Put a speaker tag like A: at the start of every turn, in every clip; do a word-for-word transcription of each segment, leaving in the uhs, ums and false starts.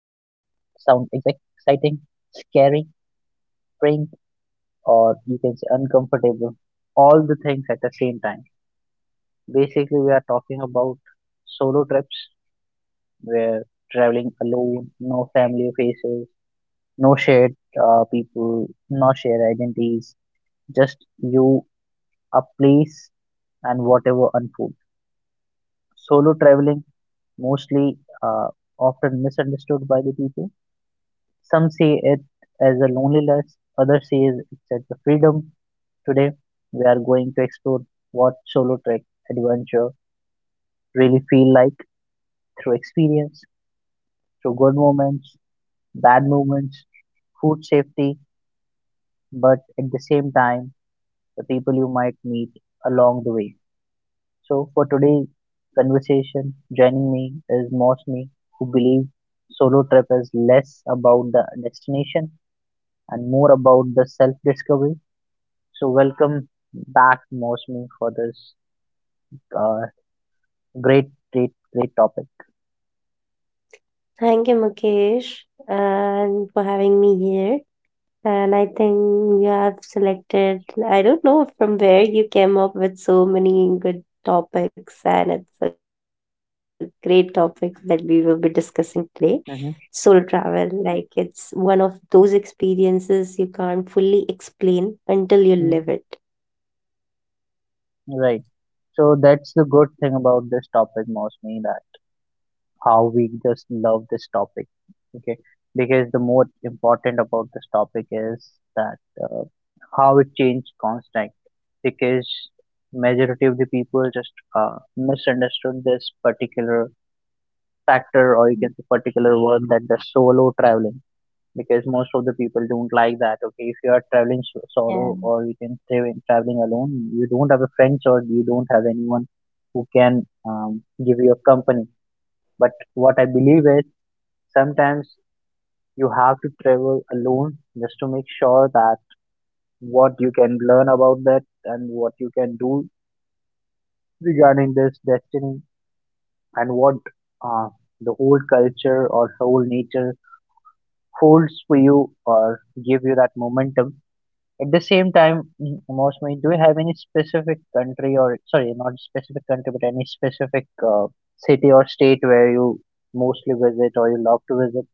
A: Sounds exact, exciting, scary, strange, or you can say uncomfortable. All the things at the same time. Basically, we are talking about solo trips where traveling alone, no family faces, no shared uh, people, no shared identities, just you, a place, and whatever unfolds. Solo traveling mostly, uh, often misunderstood by the people. Some see it as a loneliness, others see it as a freedom. Today, we are going to explore what solo trek adventure really feel like through experience, through good moments, bad moments, food safety, but at the same time, the people you might meet along the way. So, for today's conversation, joining me is Mosmi, who believes solo trip is less about the destination and more about the self discovery. So, welcome back, Mosmi, for this uh, great, great, great topic.
B: Thank you, Mukesh, and for having me here. And I think you have selected, I don't know from where you came up with so many good topics, and it's a great topic that we will be discussing today. Solo
A: Hmm.
B: travel, like it's one of those experiences you can't fully explain until you live it.
A: Right. So, that's the good thing about this topic, Mosmi, that how we just love this topic. Okay, because the more important about this topic is that, uh, how it changed constant, because majority of the people just uh, misunderstood this particular factor, or you can say particular word, that the solo traveling, because most of the people don't like that. Okay, if you are traveling so- solo, or you can say when traveling alone, you don't have a friends or you don't have anyone who can, um, give you a company. But what I believe is, sometimes you have to travel alone just to make sure that what you can learn about that and what you can do regarding this destiny, and what uh, the whole culture or whole nature holds for you or give you that momentum. At the same time, m- mostly, do you have any specific country, or sorry, not specific country, but any specific uh, city or state where you mostly visit or you love to visit?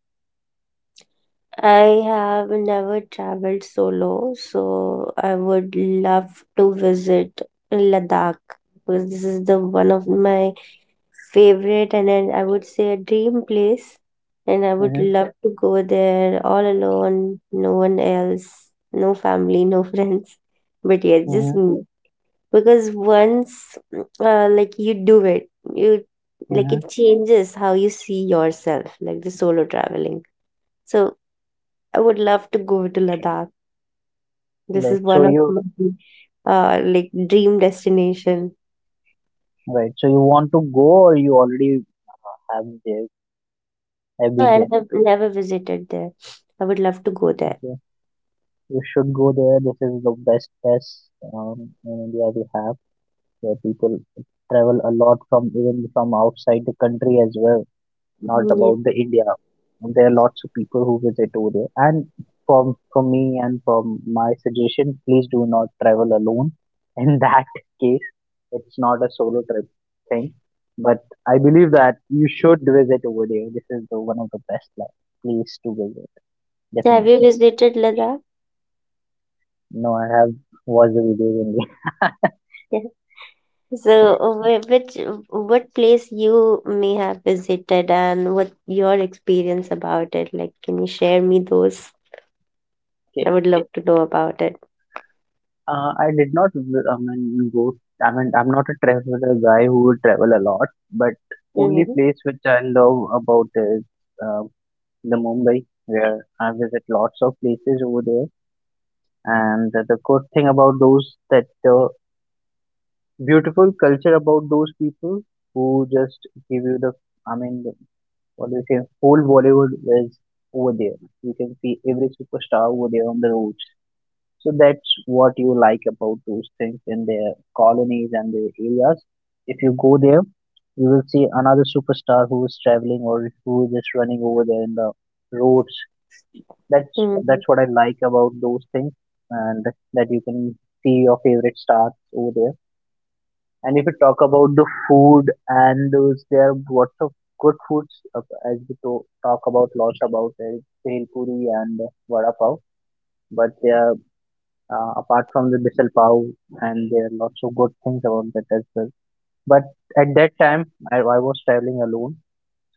B: I have never traveled solo, so I would love to visit Ladakh because this is the one of my favorite and then I would say a dream place. And I would
A: Mm-hmm,
B: love to go there all alone, no one else, no family, no friends. But yeah, just
A: mm-hmm,
B: me. Because once uh, like you do it, you like
A: mm-hmm.
B: it changes how you see yourself, like the solo traveling. So I would love to go to Ladakh. This
A: Like
B: is
A: so,
B: one Oh, of
A: you
B: my uh, like dream destination.
A: Right. So you want to go, or you already uh, have there have
B: No,
A: been there.
B: I've nev- never visited there. I would love to go there.
A: Okay. You should go there. This is the best place, um, in India we have, where people travel a lot, from even from outside the country as well. Not
B: Mhm. Yeah.
A: about the India. There are lots of people who visit over there. And from from me and from my suggestion, please do not travel alone. In that case, it's not a solo trip thing. But I believe that you should visit over there. This is the one of the best place to visit,
B: So have you
A: definitely.
B: visited Ladakh?
A: No, I have watched the videos only.
B: Yeah. So uh, wh- which what place you may have visited and what your experience about it? Like, can you share me those? I would love to know about it.
A: Uh, I did not, v- I mean, go. I mean, I'm not a traveler guy who would travel a lot, but only
B: Mm-hmm.
A: place which I love about is, uh, the Mumbai, where I visit lots of places over there. And the, the good thing about those that the beautiful culture about those people who just give you the, I mean, the, what do you say, whole Bollywood is over there. You can see every superstar over there on the roads. So that's what you like about those things in their colonies and their areas. If you go there, you will see another superstar who is traveling or who is just running over there in the roads. That's
B: Mm-hmm.
A: that's what I like about those things, and that you can see your favorite stars over there. And if you talk about the food and those, there are lots of good foods, uh, as we to- talk about lots about uh, bhel puri and vada pav, but there, uh, apart from the Bissell Pav, and there are lots of good things about that as well. But at that time, I, I was traveling alone,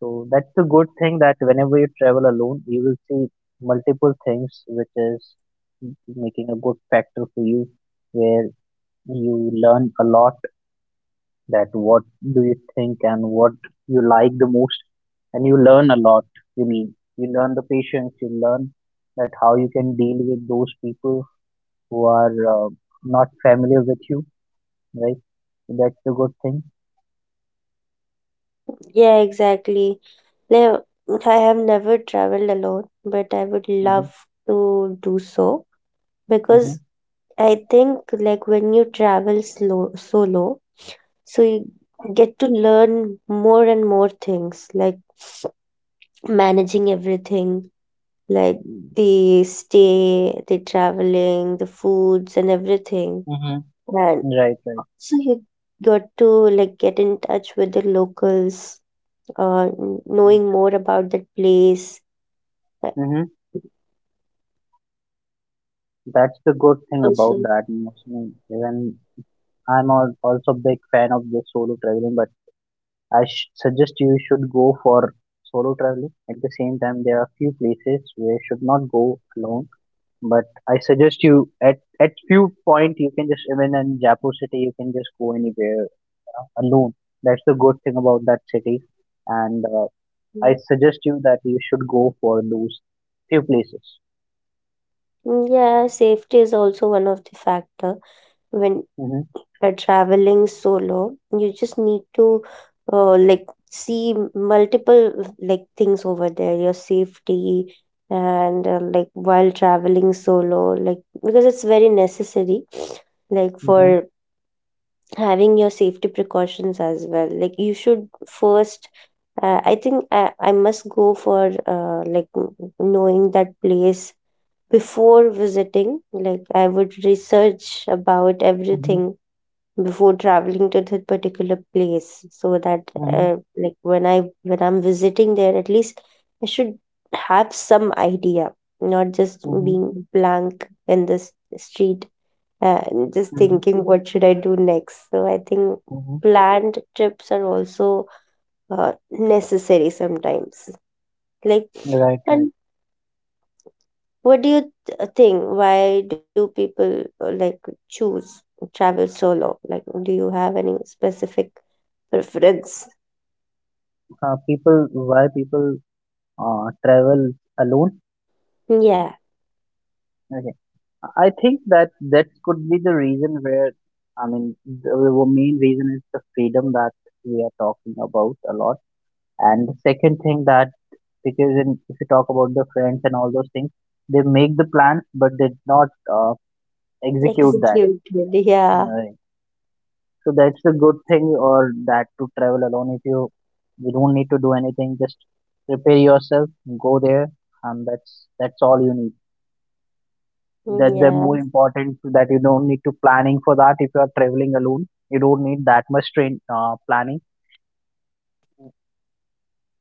A: so that's the good thing that whenever you travel alone, you will see multiple things, which is making a good factor for you, where you learn a lot that what do you think and what you like the most, and you learn a lot. You mean you learn the patience, you learn that how you can deal with those people who are, uh, not familiar with you, right? So that's the good thing.
B: Yeah, exactly. Now, I have never traveled alone, but I would
A: Mm-hmm.
B: love to do so
A: Mm-hmm.
B: because I think like when you travel slow solo, so you get to learn more and more things like managing everything, like the stay, the traveling, the foods and everything.
A: Mm-hmm.
B: And
A: Right, right.
B: so you got to like get in touch with the locals, uh, n- knowing more about that place.
A: Mm-hmm. That's the
B: And
A: good
B: it's
A: thing about
B: also.
A: that emotion. Even I'm al- also big fan of the solo traveling, but I sh- suggest you should go for solo traveling. At the same time, there are few places where you should not go alone. But I suggest you at at few point you can just even in Jaipur city you can just go anywhere uh, alone. That's the good thing about that city, and, uh, I
B: Mm,
A: suggest you that you should go for those few places.
B: mm, yeah, safety is also one of the factor when
A: Mm-hmm,
B: you're traveling solo. You just need to uh, like see multiple like things over there, your safety and uh, like while traveling solo, like because it's very necessary like
A: mm-hmm,
B: for having your safety precautions as well. Like you should first uh, I think I, I must go for uh, like knowing that place before visiting. Like I would research about
A: mm-hmm,
B: everything before traveling to that particular place, so that
A: mm-hmm,
B: uh, like when I when I'm visiting there, at least I should have some idea, not just
A: mm-hmm,
B: being blank in the street, uh, and just
A: mm-hmm,
B: thinking what should I do next. So I think
A: mm-hmm.
B: planned trips are also uh, necessary sometimes. Like
A: Right, right.
B: and what do you th- uh, think? Why do people uh, like choose travel solo? Like, do you have any specific preference?
A: Uh, people, why people uh, travel alone?
B: Yeah,
A: Okay. I think that that could be the reason where, I mean, the the main reason is the freedom that we are talking about a lot. And the second thing that, because in, if you talk about the friends and all those things, they make the plans, but they did not uh, execute that.
B: executed. Yeah,
A: Right. So that's a good thing or that to travel alone. If you, you don't need to do anything, just prepare yourself, go there, and that's, that's all you need. That
B: mm,
A: they're more
B: yeah,
A: important, so that you don't need to planning for that. If you are traveling alone you don't need that much train uh, planning.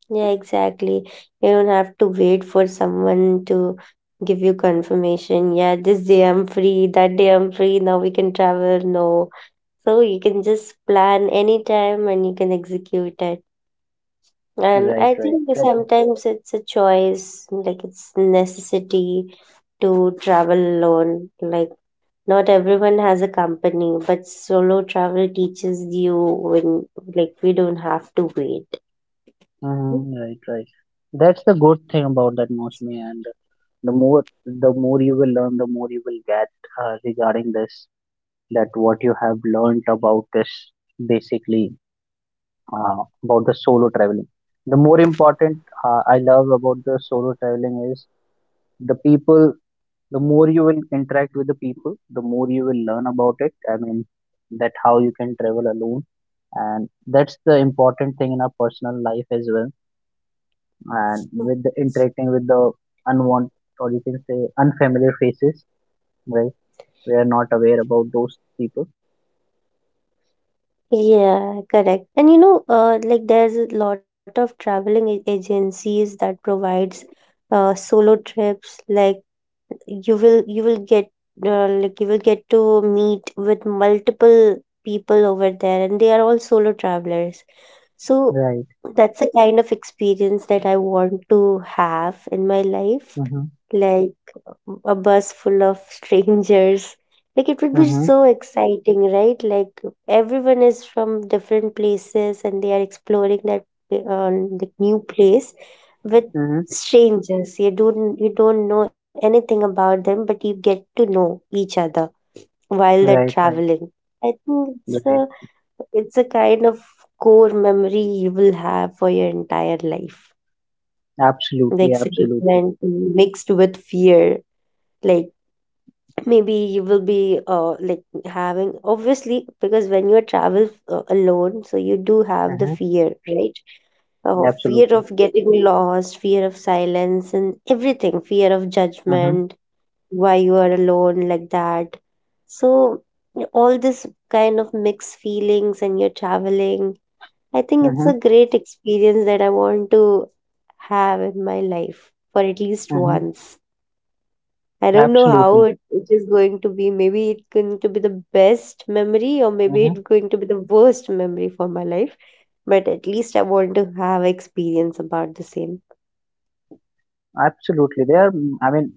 B: yeah, exactly. You don't have to wait for someone to give you confirmation. Yeah, this day I'm free, that day I'm free, now we can travel. No. So you can just plan anytime and you can execute. And
A: Right,
B: I
A: right.
B: think
A: That,
B: sometimes it's a choice, like it's necessity to travel alone. Like not everyone has a company, but solo travel teaches you when like we don't have to wait.
A: mhm, right, right. That's the good thing about that, Mosmi. And the more, the more you will learn, the more you will get uh, regarding this. That what you have learned about this, basically, uh, about the solo traveling. The more important, uh, I love about the solo traveling is the people. The more you will interact with the people, the more you will learn about it. I mean, that how you can travel alone, and that's the important thing in our personal life as well, and with the interacting with the unwanted, or you can say unfamiliar faces. Right, we are not aware about those people.
B: Yeah, correct. And you know, uh, like there's a lot of traveling a- agencies that provides uh, solo trips, like you will you will get uh, like you will get to meet with multiple people over there and they are all solo travelers, so
A: Right,
B: that's the kind of experience that I want to have in my life.
A: mm-hmm.
B: Like a bus full of strangers. Like it would be
A: Mm-hmm.
B: so exciting, right? Like everyone is from different places and they are exploring that, uh, the new place with
A: Mm-hmm.
B: strangers. You don't you don't know anything about them, but you get to know each other while they're
A: Right, right,
B: traveling. I think it's
A: right.
B: a it's a kind of core memory you will have for your entire life. The
A: Absolutely, absolutely,
B: excitement mixed with fear. Like maybe you will be uh like having obviously because when you travel uh, alone, so you do have the
A: mm-hmm.
B: fear, right? Oh, fear
A: Absolutely,
B: of getting lost, fear of silence, and everything, fear of
A: mm-hmm.
B: judgment, why you are alone like that. So, all this kind of mixed feelings, and you're traveling I think it's
A: Mm-hmm.
B: a great experience that I want to have in my life for at least
A: Mm-hmm.
B: once. I don't know how
A: Absolutely,
B: it, it is going to be. Maybe it's going to be the best memory, or maybe
A: mm-hmm.
B: it's going to be the worst memory for my life. But at least I want to have experience about the same.
A: Absolutely, they are, I mean,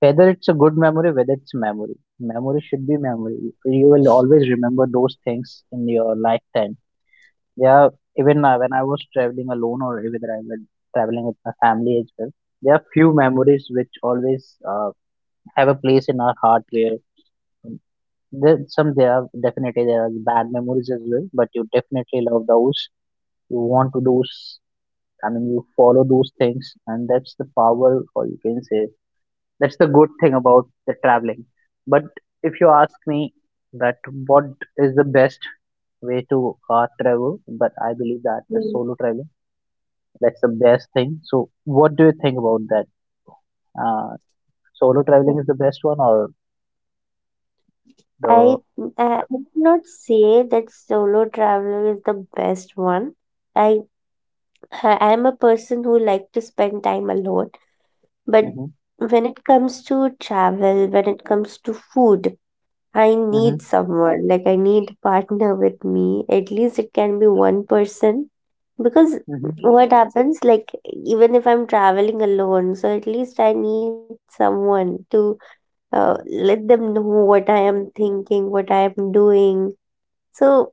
A: whether it's a good memory, whether it's a memory, memory should be memory, you will always remember those things in your lifetime. Yeah, even, uh, when I was traveling alone or whether I was traveling with my family as well, there are few memories which always, uh, have a place in our heart where, um, there, some there are definitely there are bad memories as well, but you definitely love those. You want to those, I mean, you follow those things, and that's the power, or you can say that's the good thing about the traveling. But if you ask me that what is the best way to uh, travel, but I believe that the
B: Mm.
A: solo traveling, that's the best thing. So, what do you think about that? Uh, solo traveling is the best one or
B: I
A: the?
B: I would not say that solo traveler is the best one. I I am a person who like to spend time alone. But
A: Mm-hmm,
B: when it comes to travel, when it comes to food, I
A: mm-hmm,
B: need someone. Like I need a partner with me. At least it can be one person. Because what happens, like even if I'm traveling alone, so at least I need someone to uh, let them know what I am thinking, what I am doing. So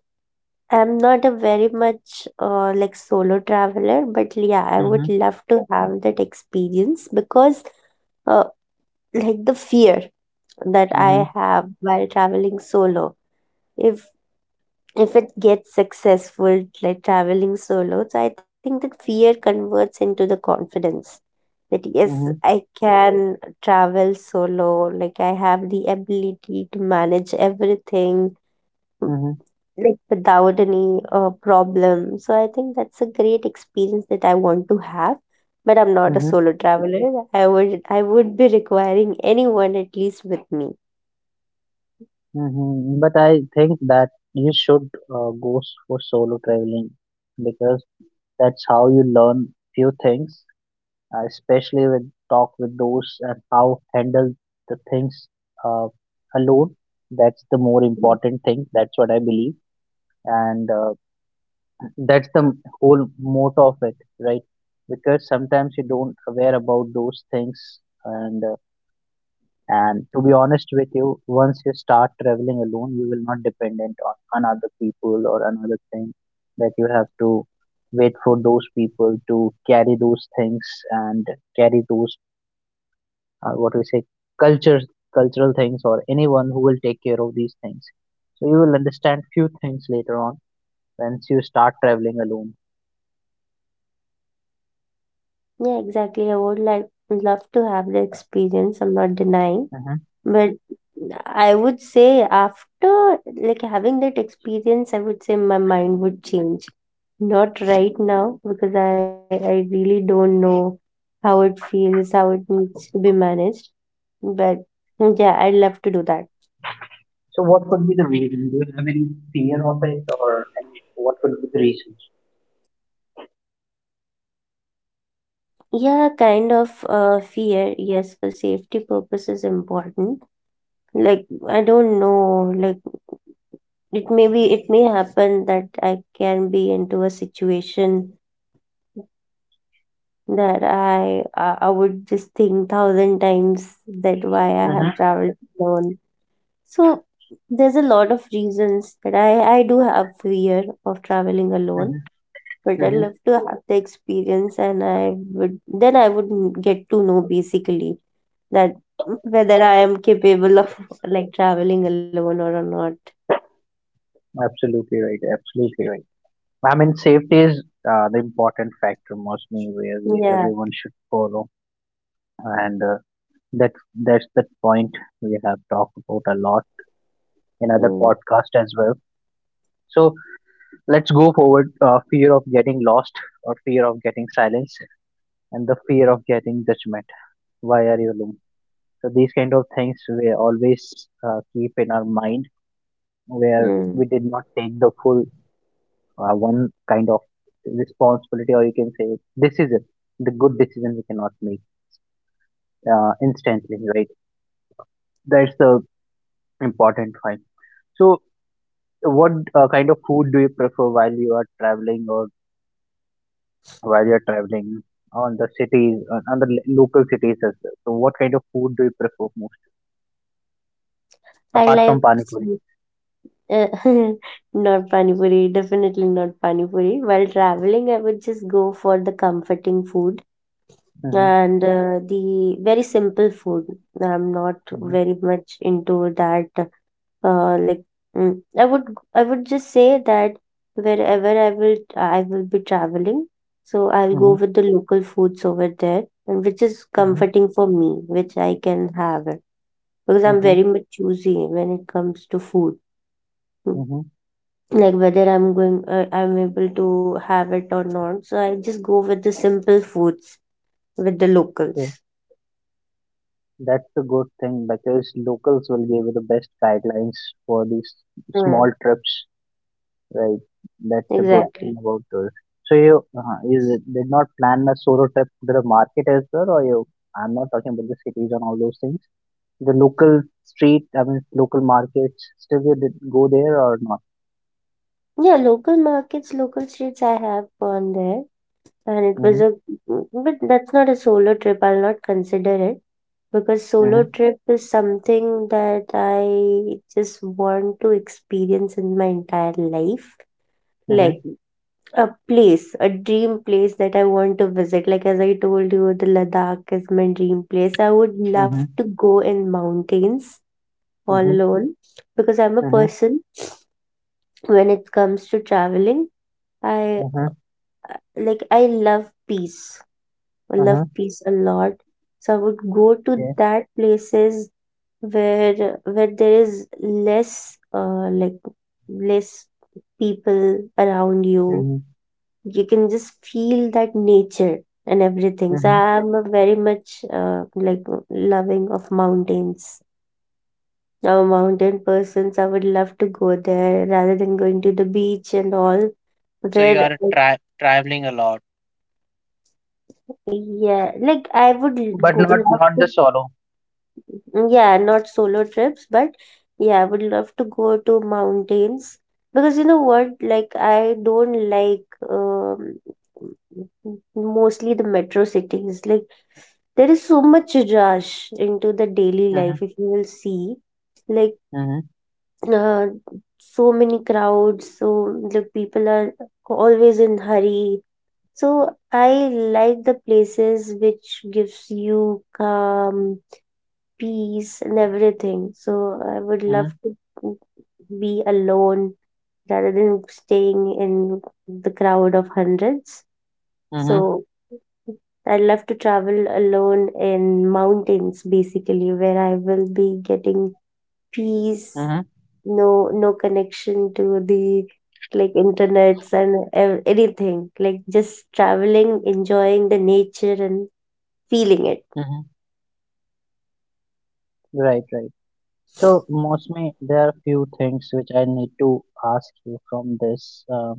B: I'm not a very much uh, like solo traveler, but yeah, I would
A: mm-hmm,
B: love to have that experience because uh, like the fear that
A: mm-hmm,
B: I have while traveling solo. If if it gets successful, like traveling solo, so I think that fear converts into the confidence that
A: mm-hmm,
B: yes,
A: mm-hmm,
B: I can travel solo. Like I have the ability to manage everything
A: mm-hmm,
B: like without any uh, problem. So I think that's a great experience that I want to have. But I'm not a
A: mm-hmm,
B: solo traveler. I would I would be requiring anyone at least with me.
A: hmm. But I think that you should uh, go s- for solo traveling, because that's how you learn few things, uh, especially when talk with those and how handle the things, uh, alone. That's the more
B: Mm.
A: important thing. That's what I believe. And, uh, that's the whole motto of it, right? Because sometimes you don't aware about those things, and, uh, and to be honest with you, once you start traveling alone you will not dependent on another people or another thing, that you have to wait for those people to carry those things, and carry those, uh, what we say, cultures, cultural things, or anyone who will take care of these things. So you will understand few things later on, once you start traveling alone.
B: Yeah, exactly. I would like love to have the experience. I'm not denying,
A: Mm-hmm.
B: but I would say after like having that experience, I would say my mind would change. Not right now because I I really don't know how it feels, how it needs to be managed. But yeah, I'd love to do that.
A: So what could be the reason? Do you have any fear of it or any, what could be the reasons?
B: Yeah, kind of uh, fear. Yes, for safety purpose is important. Like I don't know, like. It may be it may happen that I can be into a situation that i i I would just think thousand times that why I have
A: Hmm,
B: traveled alone, so there's a lot of reasons that i I do have fear of traveling alone,
A: hmm,
B: but I
A: hmm.
B: love to have the experience and I would then I would n- get to know basically that whether I am capable of like traveling alone or not.
A: Absolutely right. Absolutely right. I mean, safety is, uh, the important factor mostly where we
B: Yeah,
A: everyone should follow, and, uh, that that's the point we have talked about a lot in other
B: mm,
A: podcast as well. So let's go forward. Uh, fear of getting lost, or fear of getting silenced, and the fear of getting judgment. Why are you alone? So these kind of things we always, uh, keep in our mind, where
B: mm.
A: we did not take the full, uh, one kind of responsibility, or you can say decision, the good decision we cannot make, uh, instantly, right? That's the important one. So what, uh, kind of food do you prefer while you are traveling, or while you're traveling on the cities, on on the lo- local cities as well? So what kind of food do you prefer most
B: I
A: apart
B: like.
A: from Pani Puri?
B: Uh, Not pani puri, definitely not pani puri. While traveling, I would just go for the comforting food
A: Mm-hmm,
B: and uh, the very simple food. I'm not
A: mm-hmm,
B: very much into that. Uh, like mm, I would, I would just say that wherever I will, I will be traveling. So I'll go with the local foods over there, and which is
A: mm-hmm,
B: comforting for me, which I can have it because I'm
A: mm-hmm,
B: very much choosy when it comes to food. Hmm.
A: mm-hmm.
B: Like whether I'm going uh, I'm able to have it or not, so I just go with the simple foods with the
A: Okay,
B: locals.
A: that's a good thing because locals will give you the best guidelines for these
B: Mm,
A: small trips, right? That's a good
B: exactly.
A: thing about this. So you, uh, you did not plan a solo trip to the market as well, or you? I'm not talking about the cities and all those things. The local street, I mean, local markets. Still, you did go there or not?
B: Yeah, local markets, local streets I have gone there, and it was
A: Mm-hmm.
B: a but that's not a solo trip, I'll not consider it because solo
A: Mm-hmm.
B: trip is something that I just want to experience in my entire life. Like a place, a dream place that I want to visit. Like as I told you, the Ladakh is my dream place. I would love
A: Mm-hmm.
B: to go in mountains all
A: Mm-hmm. Mm-hmm.
B: alone because I'm a
A: Mm-hmm.
B: person when it comes to traveling. I
A: Mm-hmm.
B: I- like I love peace. I love
A: Mm-hmm.
B: peace a lot. So I would go to
A: Yeah.
B: that places where where there is less uh like less people around you.
A: Mm-hmm.
B: You can just feel that nature and everything. So
A: Mm-hmm.
B: I'm a very much uh, like loving of mountains. I'm a mountain person, so I would love to go there rather than going to the beach and all. Where, I- yeah, like I would l- go, love to. Mm, yeah, not solo trips, but yeah, I would love to go to mountains because you know what? Like, I don't like um, mostly the metro cities. Like, there is so much rush into the daily
A: Mhm,
B: life, if you will see. Like,
A: mhm,
B: uh, so many crowds, so the people are always in hurry. So I like the places which gives you calm, peace and everything. So I would love
A: mhm,
B: to be alone rather than staying in the crowd of hundreds.
A: mhm,
B: So I love to travel alone in mountains basically where I will be getting peace,
A: mhm,
B: no no connection to the like internets and ev- anything. Like just traveling, enjoying the nature and feeling it.
A: mhm. Right, right. So, Mosme, there are few things which I need to ask you from this uh,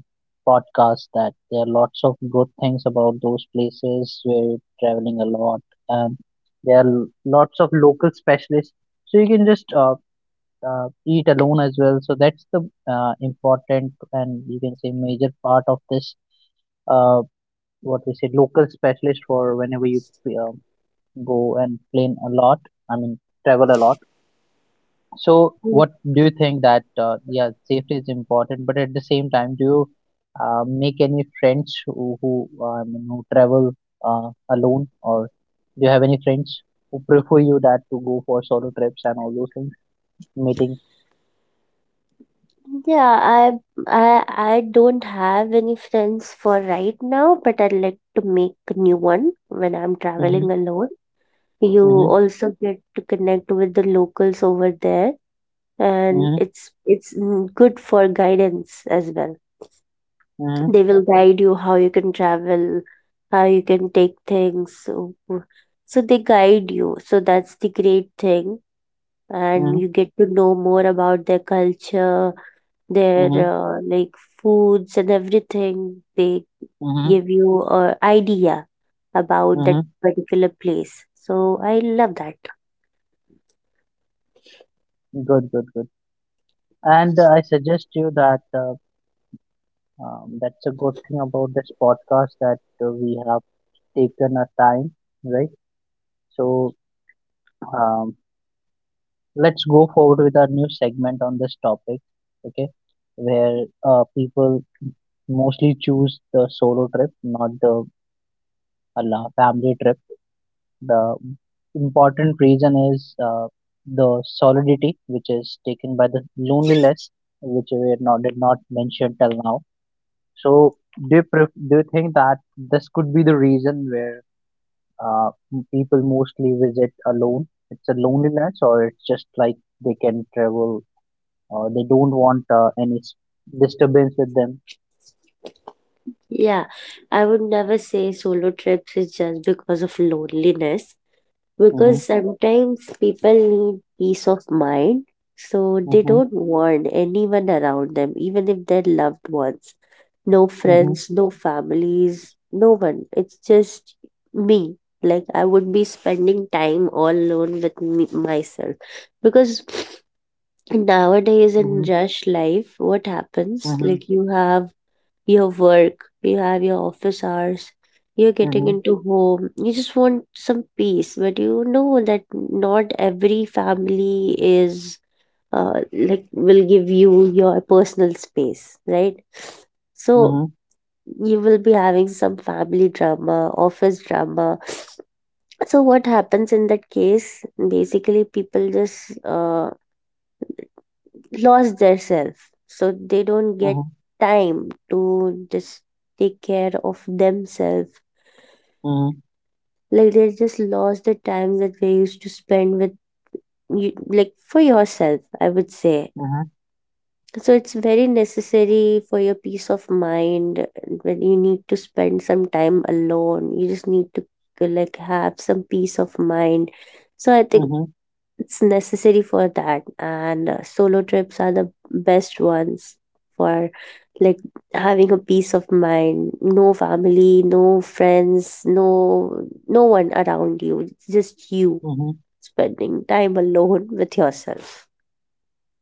A: podcast. That there are lots of good things about those places where you're traveling a lot, and there are lots of local specialists. So you can just uh, uh, eat alone as well. So that's the uh, important and you can say major part of this uh, what we say local specialist for whenever you uh, go and plane a lot. I mean, travel a lot. So, what do you think that uh, yeah, safety is important, but at the same time, do you uh, make any friends who who, uh, I mean, who travel uh, alone, or do you have any friends who prefer you that to go for solo trips and all those things, meeting?
B: Yeah, I I I don't have any friends for right now, but I'd like to make a new one when I'm traveling
A: Mhm,
B: alone. You
A: mhm,
B: also get to connect with the locals over there, and
A: mhm,
B: it's it's mm, good for guidance as well.
A: mhm,
B: They will guide you how you can travel, how you can take things. So, so they guide you. So that's the great thing, and
A: mhm,
B: you get to know more about their culture, their
A: mhm,
B: uh, like, foods and everything. They
A: mhm,
B: give you a idea about that
A: mhm.
B: particular place, so I love that.
A: Good, good, good. And uh, I suggest you that uh, um, that's a good thing about this podcast that uh, we have taken our time, right? So um, let's go forward with our new segment on this topic, okay? Where uh, people mostly choose the solo trip, not the ala- family trip. The important reason is uh, the solidity, which is taken by the loneliness, which we not, did not mention till now. So, do you, pref- do you think that this could be the reason where uh, m- people mostly visit alone. It's a loneliness, or it's just like they can travel, or they don't want uh, any s- disturbance with them.
B: Yeah, I would never say solo trips is just because of loneliness,
A: Mhm,
B: because sometimes people need peace of mind. So they
A: mhm,
B: don't want anyone around them, even if they're loved ones. No
A: mhm,
B: friends, no families, no one. It's just me. Like, I would be spending time all alone with me, myself, because nowadays in
A: mhm,
B: rush life, what happens?
A: mhm,
B: Like, you have your work, you have your office hours. You're getting
A: mhm,
B: into home. You just want some peace, but you know that not every family is, uh, like, will give you your personal space, right? So
A: mhm,
B: you will be having some family drama, office drama. So what happens in that case? Basically, people just uh, lost their self, so they don't get
A: mhm,
B: time to just take care of themselves.
A: mhm,
B: Like, they just lost the time that they used to spend with you, like, for yourself, I would say.
A: mhm,
B: So it's very necessary for your peace of mind. When you need to spend some time alone, you just need to uh, like, have some peace of mind. So I think
A: mhm,
B: it's necessary for that, and uh, solo trips are the best ones for, like, having a peace of mind. No family, no friends, no, no one around you. It's just you
A: mhm.
B: spending time alone with yourself.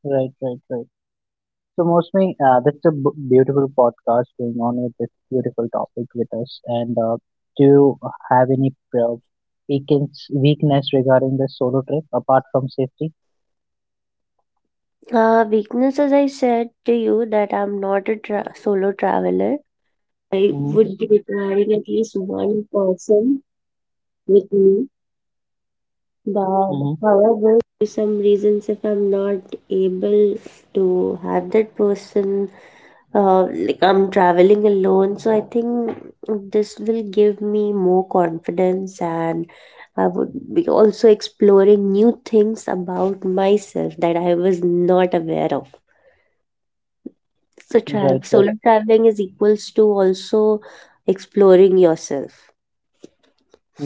A: Right, right, right. So mostly, uh, that's a b- beautiful podcast going on with this beautiful topic with us. And uh, do you have any uh, weakens- weakness regarding the solo trip apart from safety?
B: Uh, weakness, as I said to you, that I'm not a tra- solo traveler. I
A: Mm-hmm.
B: would be requiring at least one person with me. But
A: Mm-hmm.
B: however, for some reasons, if I'm not able to have that person, uh, like, I'm traveling alone, so I think this will give me more confidence, and I would be also exploring new things about myself that I was not aware of. So tra
A: Right, right,
B: solo traveling is equals to also exploring yourself.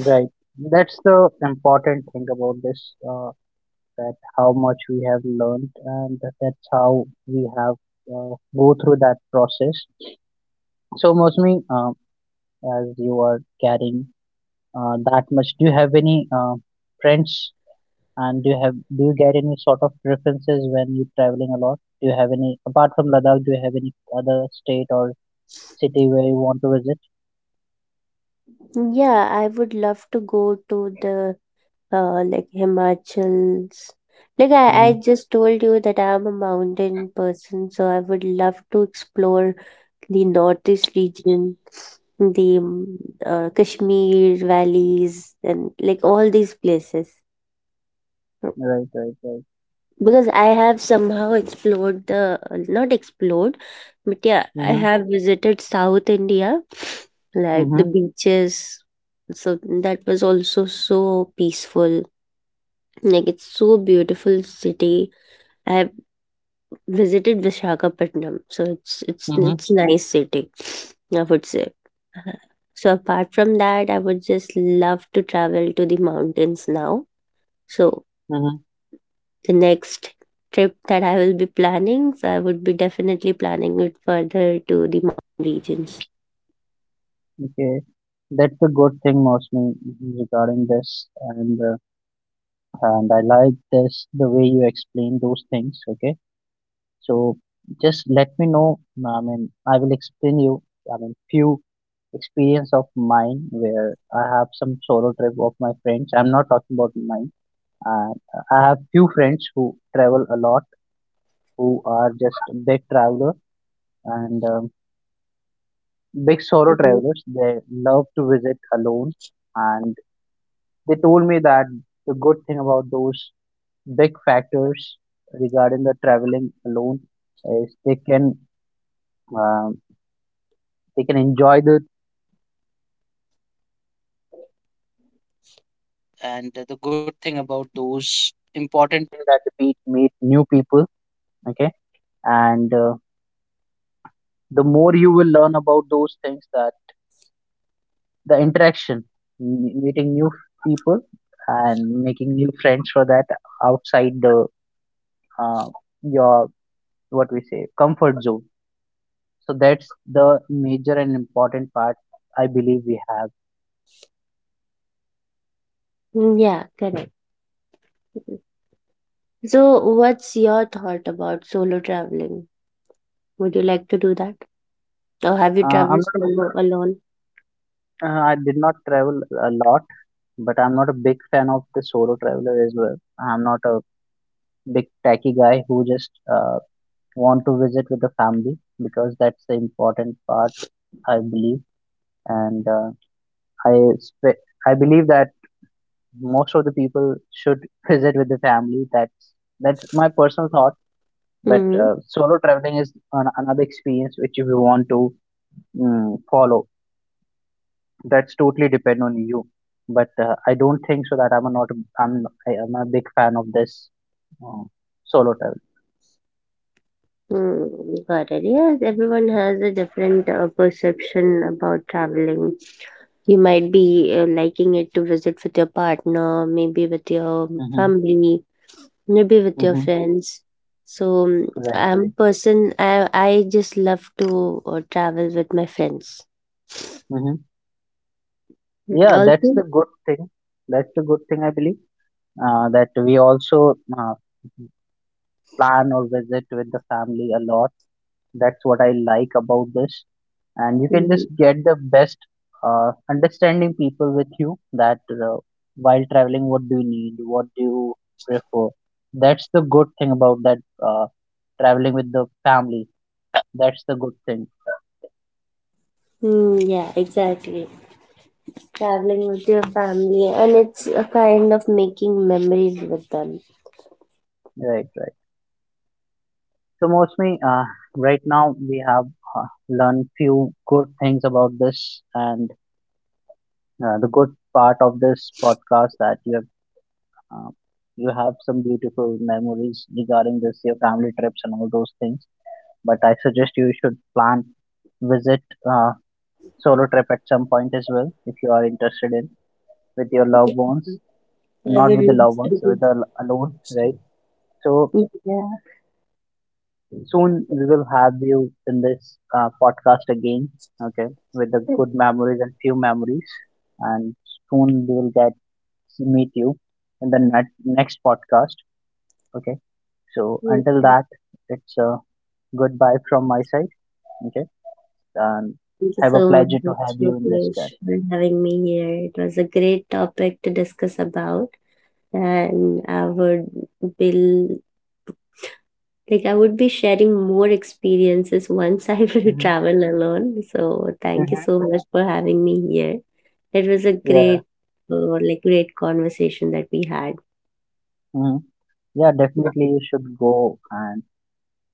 A: right. That's the important thing about this, uh, that how much we have learned, and that- that's how we have uh, go through that process. So, Mosmi, uh, as you are carrying uh, that much, do you have any uh, friends, and do you have do you get any sort of preferences when you're traveling a lot? Do you have any apart from Ladakh? Do you have any other state or city where you want to visit?
B: Yeah, I would love to go to the uh, like, Himachals. Like, I, I
A: Mm-hmm.
B: just told you that I'm a mountain person, so I would love to explore the northeast region, the mm, uh, Kashmir valleys, and like, all these places.
A: Right, right, right.
B: Because I have somehow explored the, not explored, but yeah, I
A: Mm-hmm.
B: have visited South India, like
A: Mm-hmm.
B: the beaches. So that was also so peaceful. Like, it's so beautiful city. I have visited Vishakhapatnam, so it's it's
A: Mm-hmm.
B: it's nice city, I would say. Uh, So apart from that, I would just love to travel to the mountains now. So
A: Mm-hmm.
B: the next trip that I will be planning. So I would be definitely planning it further to the mountain regions.
A: Okay, that's a good thing mostly regarding this, and uh, and I like this the way you explain those things. Okay, so just let me know. I mean, I will explain you. I mean, few experience of mine where I have some solo trip of my friends. I'm not talking about mine. Uh, I have few friends who travel a lot, who are just big traveler and um, big solo
B: Mhm.
A: travelers. They love to visit alone and they told me that the good thing about those big factors regarding the traveling alone is they can um, they can enjoy the more you will learn about those things that the interaction m- meeting new people and making new friends for that outside the uh, your what we say comfort zone, so that's the major and important part I believe we have.
B: Mm, yeah, correct. So, what's your thought about solo traveling? Would you like to do that? Or have you
A: uh, i'm
B: traveled
A: not a-
B: solo alone?
A: uh, I did not travel a lot, but I'm not a big fan of the solo traveler as well. I'm not a big tacky guy who just uh, want to visit with the family because that's the important part I believe. And uh, I spe- I believe that most of the people should visit with the family. That's that's my personal thought. But
B: Mm-hmm.
A: uh, solo traveling is an, another experience which if you want to mm, follow, that's totally depend on you. But uh, I don't think so that I'm a not a- I'm I am a big fan of this uh, solo travel.
B: Mm, got it. Yes, everyone has a different uh, perception about traveling. You might be uh, liking it to visit with your partner, maybe with your
A: Mm-hmm.
B: family, maybe with your
A: Mm-hmm.
B: friends. So mm,
A: Right,
B: I'm a
A: right.
B: person, i i just love to uh, travel with my friends.
A: Mm-hmm.
B: Mm,
A: Yeah, that's the
B: also.
A: good thing. That's the good thing I believe. Uh, that we also uh, plan or visit with the family a lot. That's what I like about this. And you can just
B: Mm,
A: get the best uh, understanding people with you that uh, while traveling, what do you need? What do you prefer? That's the good thing about that uh, traveling with the family. That's the good thing.
B: mm, yeah, exactly. Traveling with your family, and it's a kind of making memories with them.
A: Right, right. So mostly, uh, right now we have uh, learned few good things about this, and uh, the good part of this podcast that you have. Uh, you have some beautiful memories regarding this, your family trips and all those things. But I suggest you should plan visit uh, solo trip at some point as well if you are interested in with your loved ones,
B: I
A: not with the
B: will
A: loved
B: do.
A: ones, with the alone, right? So
B: Yeah,
A: soon we will have you in this uh, podcast again, okay, with the good memories and few memories, and soon we will get meet you in the net, next podcast. Okay. So until
B: yeah.
A: that, it's a goodbye from my side. Okay, and
B: Thank you
A: have a
B: so
A: pleasure to
B: much,
A: have you in this guy.
B: Rupesh, for having me here. It was a great topic to discuss about, and I would be, like, I would be sharing more experiences once I will
A: Hmm.
B: travel alone. So, thank you
A: Hmm.
B: so much for having me here. It was a
A: Yeah.
B: great, uh, like, great conversation that we had.
A: Hmm. Yeah, definitely you should go and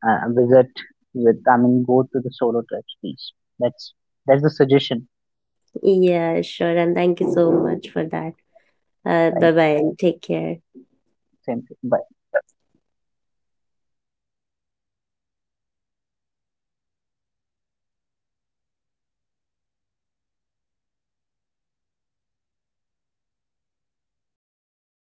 A: uh, visit with. I mean, go to the solo trips, please. That's that's the suggestion.
B: Yeah, sure. And thank you so much for that. Uh,
A: Right.
B: bye bye and take care.
A: Same thing. Bye.